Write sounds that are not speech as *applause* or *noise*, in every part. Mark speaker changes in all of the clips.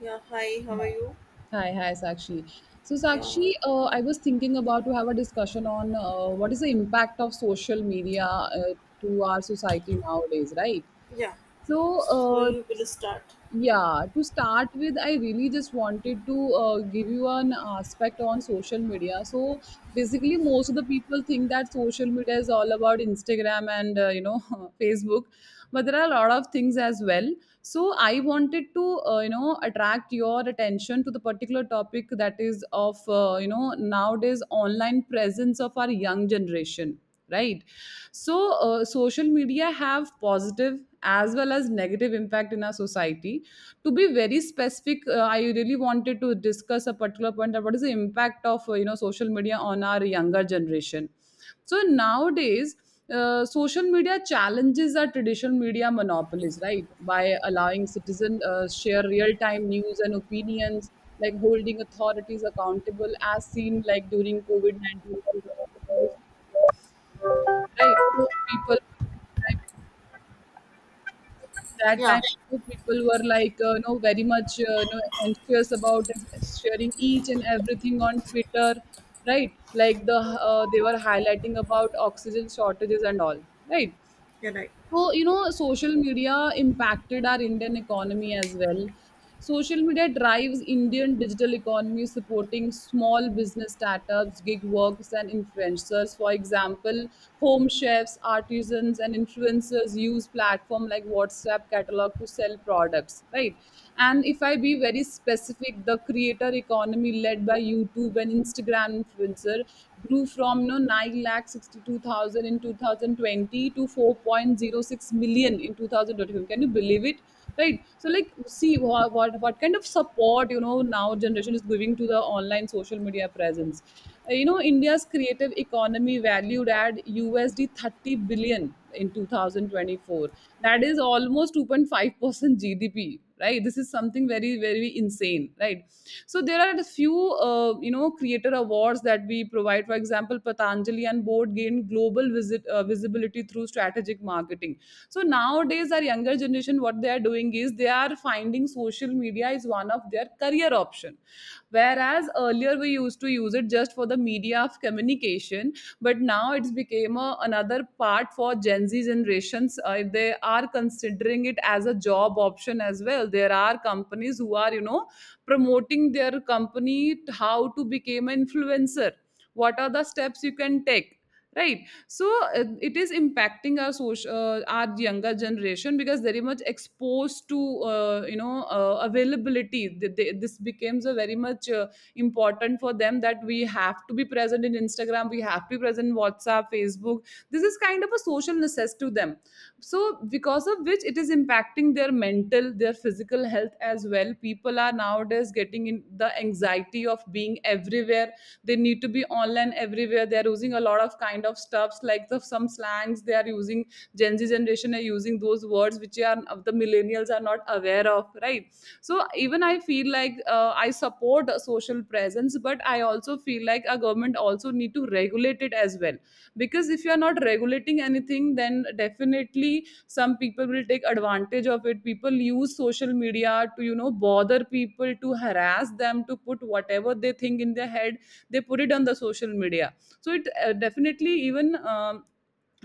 Speaker 1: Yeah, hi, how are you?
Speaker 2: Hi, hi, Sakshi. So,
Speaker 1: Yeah,
Speaker 2: Sakshi, I was thinking about to have a discussion on what is the impact of social media to our society nowadays, right?
Speaker 1: yeah.
Speaker 2: So,
Speaker 1: So
Speaker 2: uh,
Speaker 1: you will start.
Speaker 2: yeah, to start with, I really just wanted to give you an aspect on social media. So, basically, most of the people think that social media is all about Instagram and *laughs* Facebook, but there are a lot of things as well. So I wanted to attract your attention to the particular topic that is of nowadays online presence of our young generation, right. So social media have positive as well as negative impact in our society. To be very specific, I really wanted to discuss a particular point that what is the impact of social media on our younger generation. So nowadays, social media challenges our traditional media monopolies, right? By allowing citizens share real-time news and opinions, like holding authorities accountable, as seen like during COVID-19, right? So people, like, that time,
Speaker 1: Yeah,
Speaker 2: people were like very much anxious about sharing each and everything on Twitter, right? Like they were highlighting about oxygen shortages and all, right?
Speaker 1: you're right.
Speaker 2: So, social media impacted our Indian economy as well. Social media drives Indian digital economy, supporting small business startups, gig workers, and influencers. For example, home chefs, artisans, and influencers use platform like WhatsApp catalog to sell products, right? And if I be very specific, the creator economy led by YouTube and Instagram influencer grew from 9 lakhs 62,000 in 2020 to 4.06 million in 2025. Can you believe it? Right. So, like, see what kind of support now generation is giving to the online social media presence. India's creative economy valued at USD 30 billion in 2024, that is almost 2.5% GDP, right. This is something very, very insane, right. So there are a few creator awards that we provide. For example, Patanjali and Board gained global visit visibility through strategic marketing. So nowadays, our younger generation, what they are doing is they are finding social media is one of their career option, whereas earlier we used to use it just for the media of communication. But now it's became another part for Gen Z generations. If they are considering it as a job option as well, there are companies who are promoting their company, how to become an influencer, what are the steps you can take, right? So it is impacting our social our younger generation because very much exposed to availability. This becomes a very much important for them, that we have to be present in Instagram, we have to be present in WhatsApp, Facebook. This is kind of a social necessity to them. So because of which, it is impacting their mental, their physical health as well. People are nowadays getting in the anxiety of being everywhere. They need to be online everywhere. They are using a lot of kind of stuffs, like the some slangs they are using. Gen Z generation are using those words which are the millennials are not aware of, right. So even I feel like I support a social presence, but I also feel like a government also need to regulate it as well. Because if you are not regulating anything, then definitely some people will take advantage of it. People use social media to bother people, to harass them, to put whatever they think in their head. They put it on the social media. So it definitely even.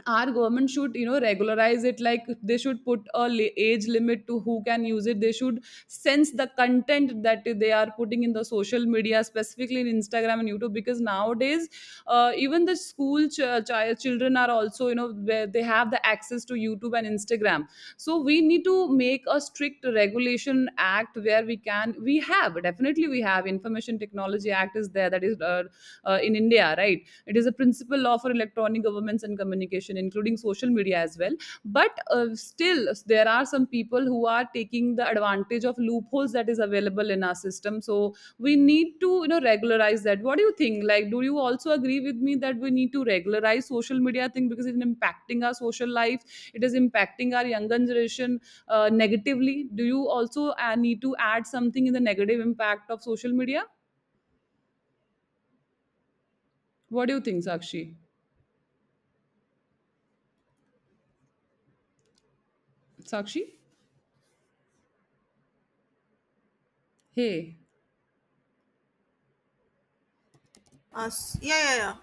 Speaker 2: Our government should regularize it, like they should put a age limit to who can use it. They should sense the content that they are putting in the social media, specifically in Instagram and YouTube. Because nowadays, even the school children are also, where they have the access to YouTube and Instagram. So we need to make a strict regulation act where we have definitely. We have information technology act is there, that is in India, right. Right, it is a principle law for electronic governments and communication, including social media as well. But still there are some people who are taking the advantage of loopholes that is available in our system. So we need to regularize that. What do you think? Like, do you also agree with me that we need to regularize social media thing? Because it's impacting our social life, it is impacting our younger generation negatively. Do you also need to add something in the negative impact of social media? What do you think, Sakshi? Sakshi? Hey?
Speaker 1: Yeah, yeah, yeah.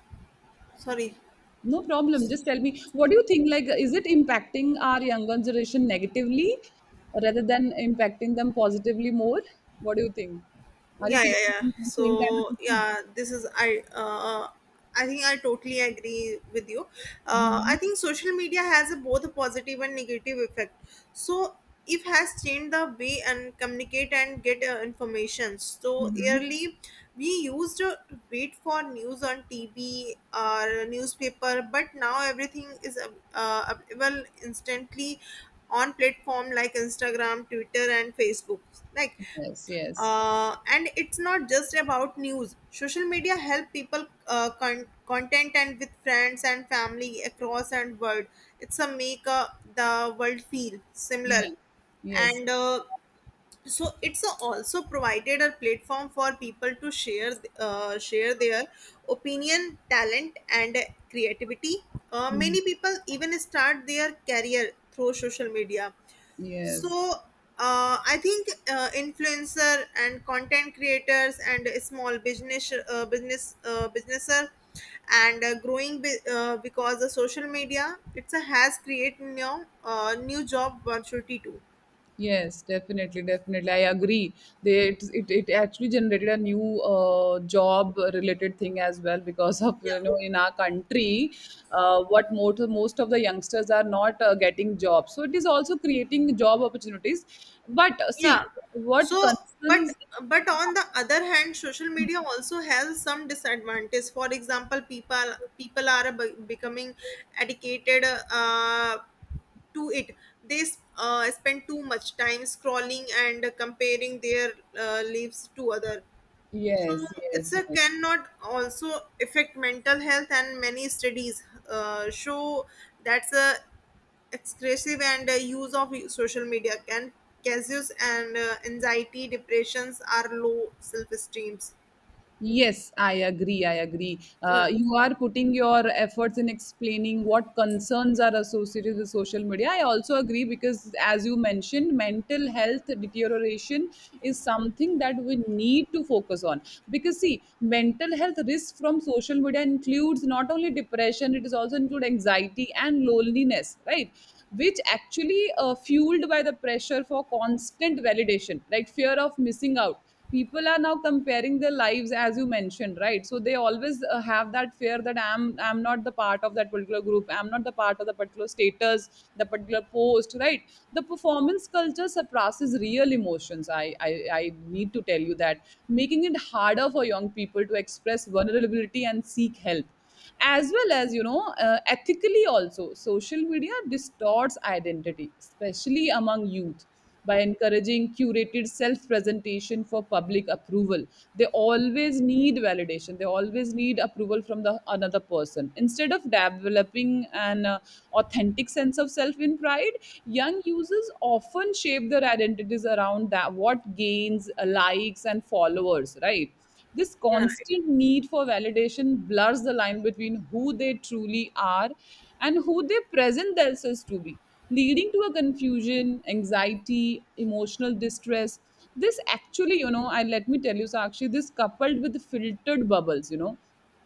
Speaker 1: Sorry.
Speaker 2: No problem. Just tell me, what do you think? Like, is it impacting our younger generation negatively rather than impacting them positively more? What do you think? Are you
Speaker 1: Yeah, yeah,
Speaker 2: facing
Speaker 1: yeah.
Speaker 2: the same kind of
Speaker 1: so
Speaker 2: issues?
Speaker 1: yeah this is i uh, I think I totally agree with you. I
Speaker 2: Hmm.
Speaker 1: think social media has a both a positive and negative effect. So it has changed the way and communicate and get information. So
Speaker 2: Hmm.
Speaker 1: early we used to wait for news on TV or newspaper, but now everything is available instantly on platform like Instagram, Twitter and Facebook. like
Speaker 2: Yes, yes.
Speaker 1: and it's not just about news, social media help people content and with friends and family across and world. It's a make the world feel
Speaker 2: Yeah.
Speaker 1: similar.
Speaker 2: Yes.
Speaker 1: And So it's also provided a platform for people to share their opinion, talent and creativity.
Speaker 2: Hmm.
Speaker 1: Many people even start their career through social media. so
Speaker 2: Yes.
Speaker 1: I think influencer and content creators and small business businesser and growing because the social media it's a has created new new job opportunity too.
Speaker 2: Yes, definitely, definitely. I agree. They, it actually generated a new job related thing as well because of,
Speaker 1: Yeah.
Speaker 2: in our country, what most of the youngsters are not getting jobs. So it is also creating job opportunities. But see,
Speaker 1: Yeah.
Speaker 2: what
Speaker 1: So but
Speaker 2: concerns. Yeah.
Speaker 1: on the other hand, social media also has some disadvantage. For example, people are becoming addicted uh, to it. They spend too much time scrolling and comparing their lives to other. So
Speaker 2: Yes,
Speaker 1: it's
Speaker 2: yes,
Speaker 1: a
Speaker 2: yes.
Speaker 1: cannot also affect mental health, and many studies show that's a excessive and use of social media can causes and anxiety, depressions, are low self esteems.
Speaker 2: Yes, I agree. I agree.
Speaker 1: Yeah,
Speaker 2: You are putting your efforts in explaining what concerns are associated with social media. I also agree because, as you mentioned, mental health deterioration is something that we need to focus on. Because, see, mental health risk from social media includes not only depression, it is also include anxiety and loneliness, right? Which actually fueled by the pressure for constant validation, right. Fear of missing out. People are now comparing their lives, as you mentioned, right. So they always have that fear that I'm not the part of that particular group, I'm not the part of the particular status, the particular post, right. The performance culture suppresses real emotions. I need to tell you that, making it harder for young people to express vulnerability and seek help, as well as, ethically also, social media distorts identity, especially among youth, by encouraging curated self presentation for public approval. They always need validation, they always need approval from the another person, instead of developing an authentic sense of self in pride. Young users often shape their identities around that what gains likes and followers, right. This
Speaker 1: yeah, right.
Speaker 2: constant need for validation blurs the line between who they truly are and who they present themselves to be, leading to a confusion, anxiety, emotional distress. This actually, and let me tell you, Sakshi, this coupled with filtered bubbles,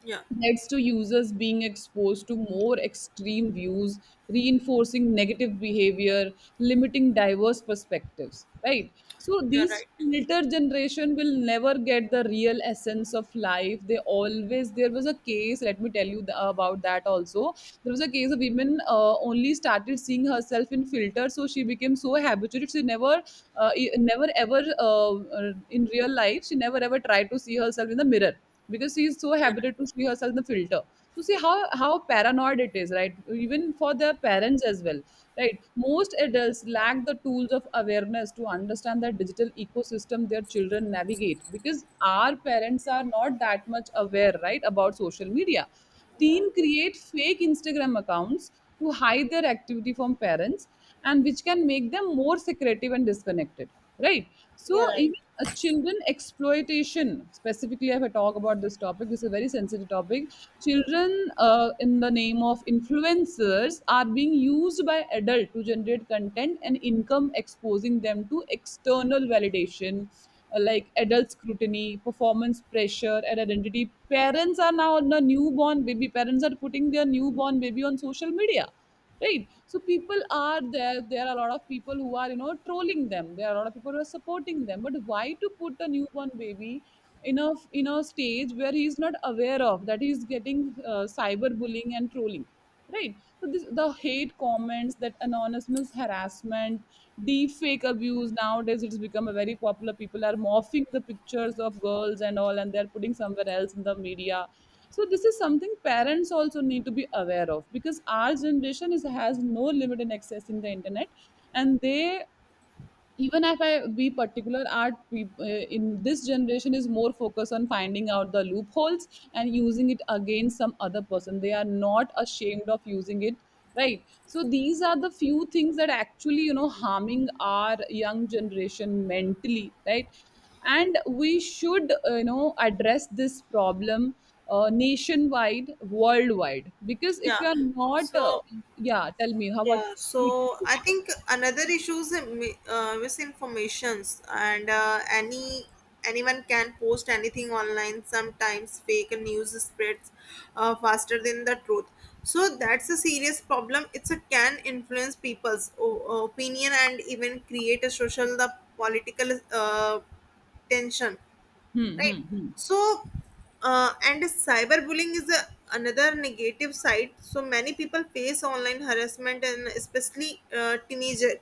Speaker 1: Yeah,
Speaker 2: leads to users being exposed to more extreme views, reinforcing negative behavior, limiting diverse perspectives, right? So
Speaker 1: you're
Speaker 2: these
Speaker 1: right.
Speaker 2: filter generation will never get the real essence of life. They always there was a case. Let me tell you about that also. There was a case of women only started seeing herself in filter, so she became so habituated. She never ever in real life she never ever tried to see herself in the mirror, because she is so
Speaker 1: You're right.
Speaker 2: habituated to see herself in the filter. So see how paranoid it is, right. Even for their parents as well, right. Most adults lack the tools of awareness to understand the digital ecosystem their children navigate, because our parents are not that much aware, right, about social media. Teen create fake Instagram accounts to hide their activity from parents, and which can make them more secretive and disconnected, right. So
Speaker 1: Yeah, right.
Speaker 2: even a children exploitation, specifically if I talk about this topic, this is a very sensitive topic. Children, in the name of influencers, are being used by adult to generate content and income, exposing them to external validation, like adult scrutiny, performance pressure, and identity. Parents are now the newborn baby, parents are putting their newborn baby on social media, right. So people are there, there are a lot of people who are trolling them, there are a lot of people who are supporting them. But why to put a newborn baby in a stage where he is not aware of that he is getting cyberbullying and trolling, right. So this the hate comments, that anonymous harassment, deepfake abuse, nowadays it's become a very popular. People are morphing the pictures of girls and all, and they're putting somewhere else in the media. So this is something parents also need to be aware of, because our generation is has no limit in accessing the internet. And they, even if I be particular in this generation is more focused on finding out the loopholes and using it against some other person. They are not ashamed of using it, right? So these are the few things that actually harming our young generation mentally, right? And we should address this problem, nationwide, worldwide. Because if you
Speaker 1: Yeah.
Speaker 2: are not
Speaker 1: So
Speaker 2: yeah, tell me how about
Speaker 1: yeah,
Speaker 2: we
Speaker 1: so
Speaker 2: can do
Speaker 1: I
Speaker 2: it.
Speaker 1: think another issue is misinformations, and anyone can post anything online. Sometimes fake news spreads faster than the truth. So that's a serious problem. It's a can influence people's opinion and even create a social the political tension,
Speaker 2: hmm,
Speaker 1: right?
Speaker 2: hmm, hmm.
Speaker 1: So and cyberbullying is a another negative side. So many people face online harassment, and especially teenager.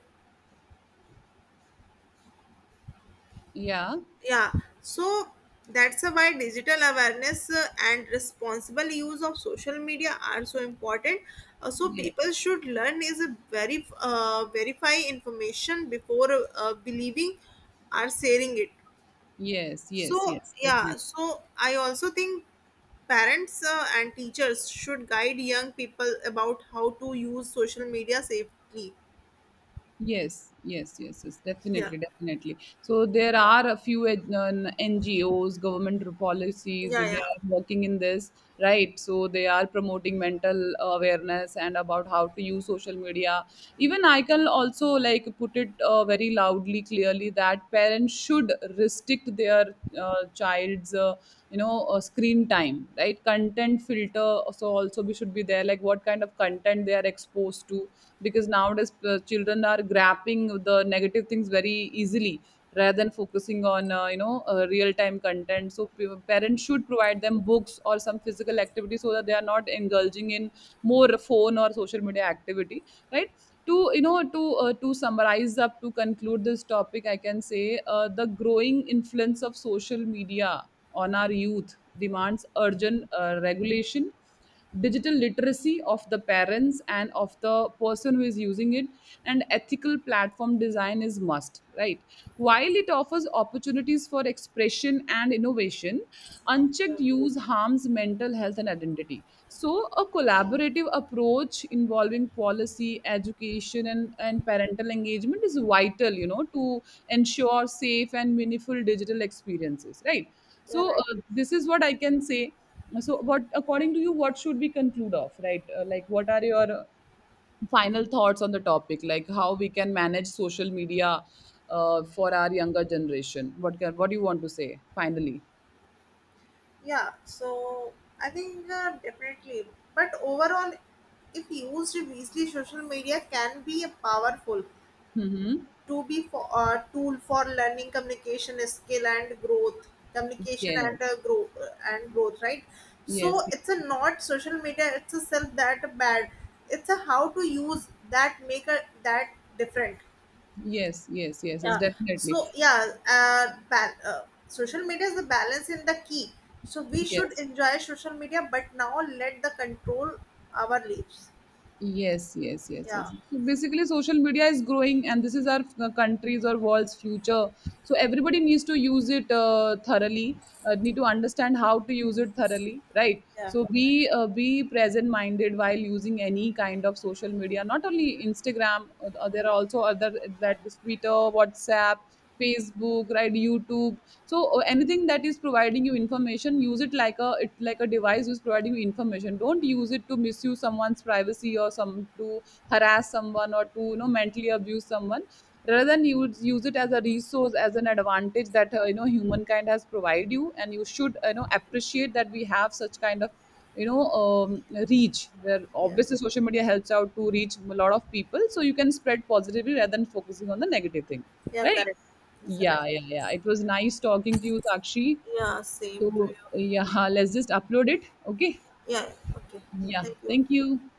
Speaker 2: Yeah.
Speaker 1: Yeah. So that's why digital awareness and responsible use of social media are so important. So
Speaker 2: Yes,
Speaker 1: people should learn is a very verify information before uh, believing or sharing it.
Speaker 2: yes, yes,
Speaker 1: So
Speaker 2: yes, definitely.
Speaker 1: yeah, so I also think parents and teachers should guide young people about how to use social media safely.
Speaker 2: Yes, yes, yes, yes,
Speaker 1: Yeah,
Speaker 2: definitely, definitely. So there are a few NGOs, government policies,
Speaker 1: yeah,
Speaker 2: they
Speaker 1: yeah.
Speaker 2: are working in this, right? So they are promoting mental awareness and about how to use social media. Even I can also like put it very loudly, clearly, that parents should restrict their child's, screen time, right? Content filter also, should be there, like what kind of content they are exposed to, because nowadays children are grasping the negative things very easily rather than focusing on real time content. So parents should provide them books or some physical activity so that they are not indulging in more phone or social media activity, right? To to summarize up, to conclude this topic, I can say the growing influence of social media on our youth demands urgent regulation, digital literacy of the parents and of the person who is using it, and ethical platform design is must, right? While it offers opportunities for expression and innovation, unchecked use harms mental health and identity. So a collaborative approach involving policy, education, and parental engagement is vital, you know, to ensure safe and meaningful digital experiences, right?
Speaker 1: Yeah,
Speaker 2: So,
Speaker 1: right.
Speaker 2: this is what I can say. So what according to you, what should we conclude of, right? Like, what are your final thoughts on the topic, like how we can manage social media for our younger generation? What do you want to say finally?
Speaker 1: Yeah, so I think definitely. But overall, if used wisely, social media can be a powerful
Speaker 2: Mm-hmm.
Speaker 1: to be for a tool for learning communication skill and growth, communication
Speaker 2: Yes,
Speaker 1: and grow and growth, right? So
Speaker 2: yes,
Speaker 1: it's a
Speaker 2: yes,
Speaker 1: not social media, it's a self that bad. It's a how to use that make a that different.
Speaker 2: yes, yes, yes, yes, yes,
Speaker 1: Yeah,
Speaker 2: definitely.
Speaker 1: so yeah, uh, ba- uh, social media is the balance in the key. So we should
Speaker 2: Yes,
Speaker 1: enjoy social media, but now let the control our lives.
Speaker 2: yes, yes, yes,
Speaker 1: Yeah,
Speaker 2: yes. So basically, social media is growing, and this is our country's or world's future. So everybody needs to use it thoroughly. Need to understand how to use it thoroughly, right?
Speaker 1: yeah,
Speaker 2: So be present-minded while using any kind of social media. Not only Instagram, there are also other, that is Twitter, WhatsApp, Facebook, right? YouTube. So anything that is providing you information, use it like a, it like a device who's providing you information. Don't use it to misuse someone's privacy or some to harass someone or to, you know, mentally abuse someone. Rather than use it as a resource, as an advantage that you know humankind has provided you, and you should, you know, appreciate that we have such kind of, you know, reach where
Speaker 1: yeah,
Speaker 2: obviously social media helps out to reach a lot of people. So you can spread positively rather than focusing on the negative thing,
Speaker 1: yeah,
Speaker 2: right?
Speaker 1: correct. That's right.
Speaker 2: Yeah, yeah, yeah. It was nice talking to you, Sakshi.
Speaker 1: Yeah, same to
Speaker 2: So
Speaker 1: you.
Speaker 2: yeah, *laughs* let's just upload it. Okay.
Speaker 1: Yeah, okay.
Speaker 2: Yeah.
Speaker 1: Thank you.
Speaker 2: Thank you.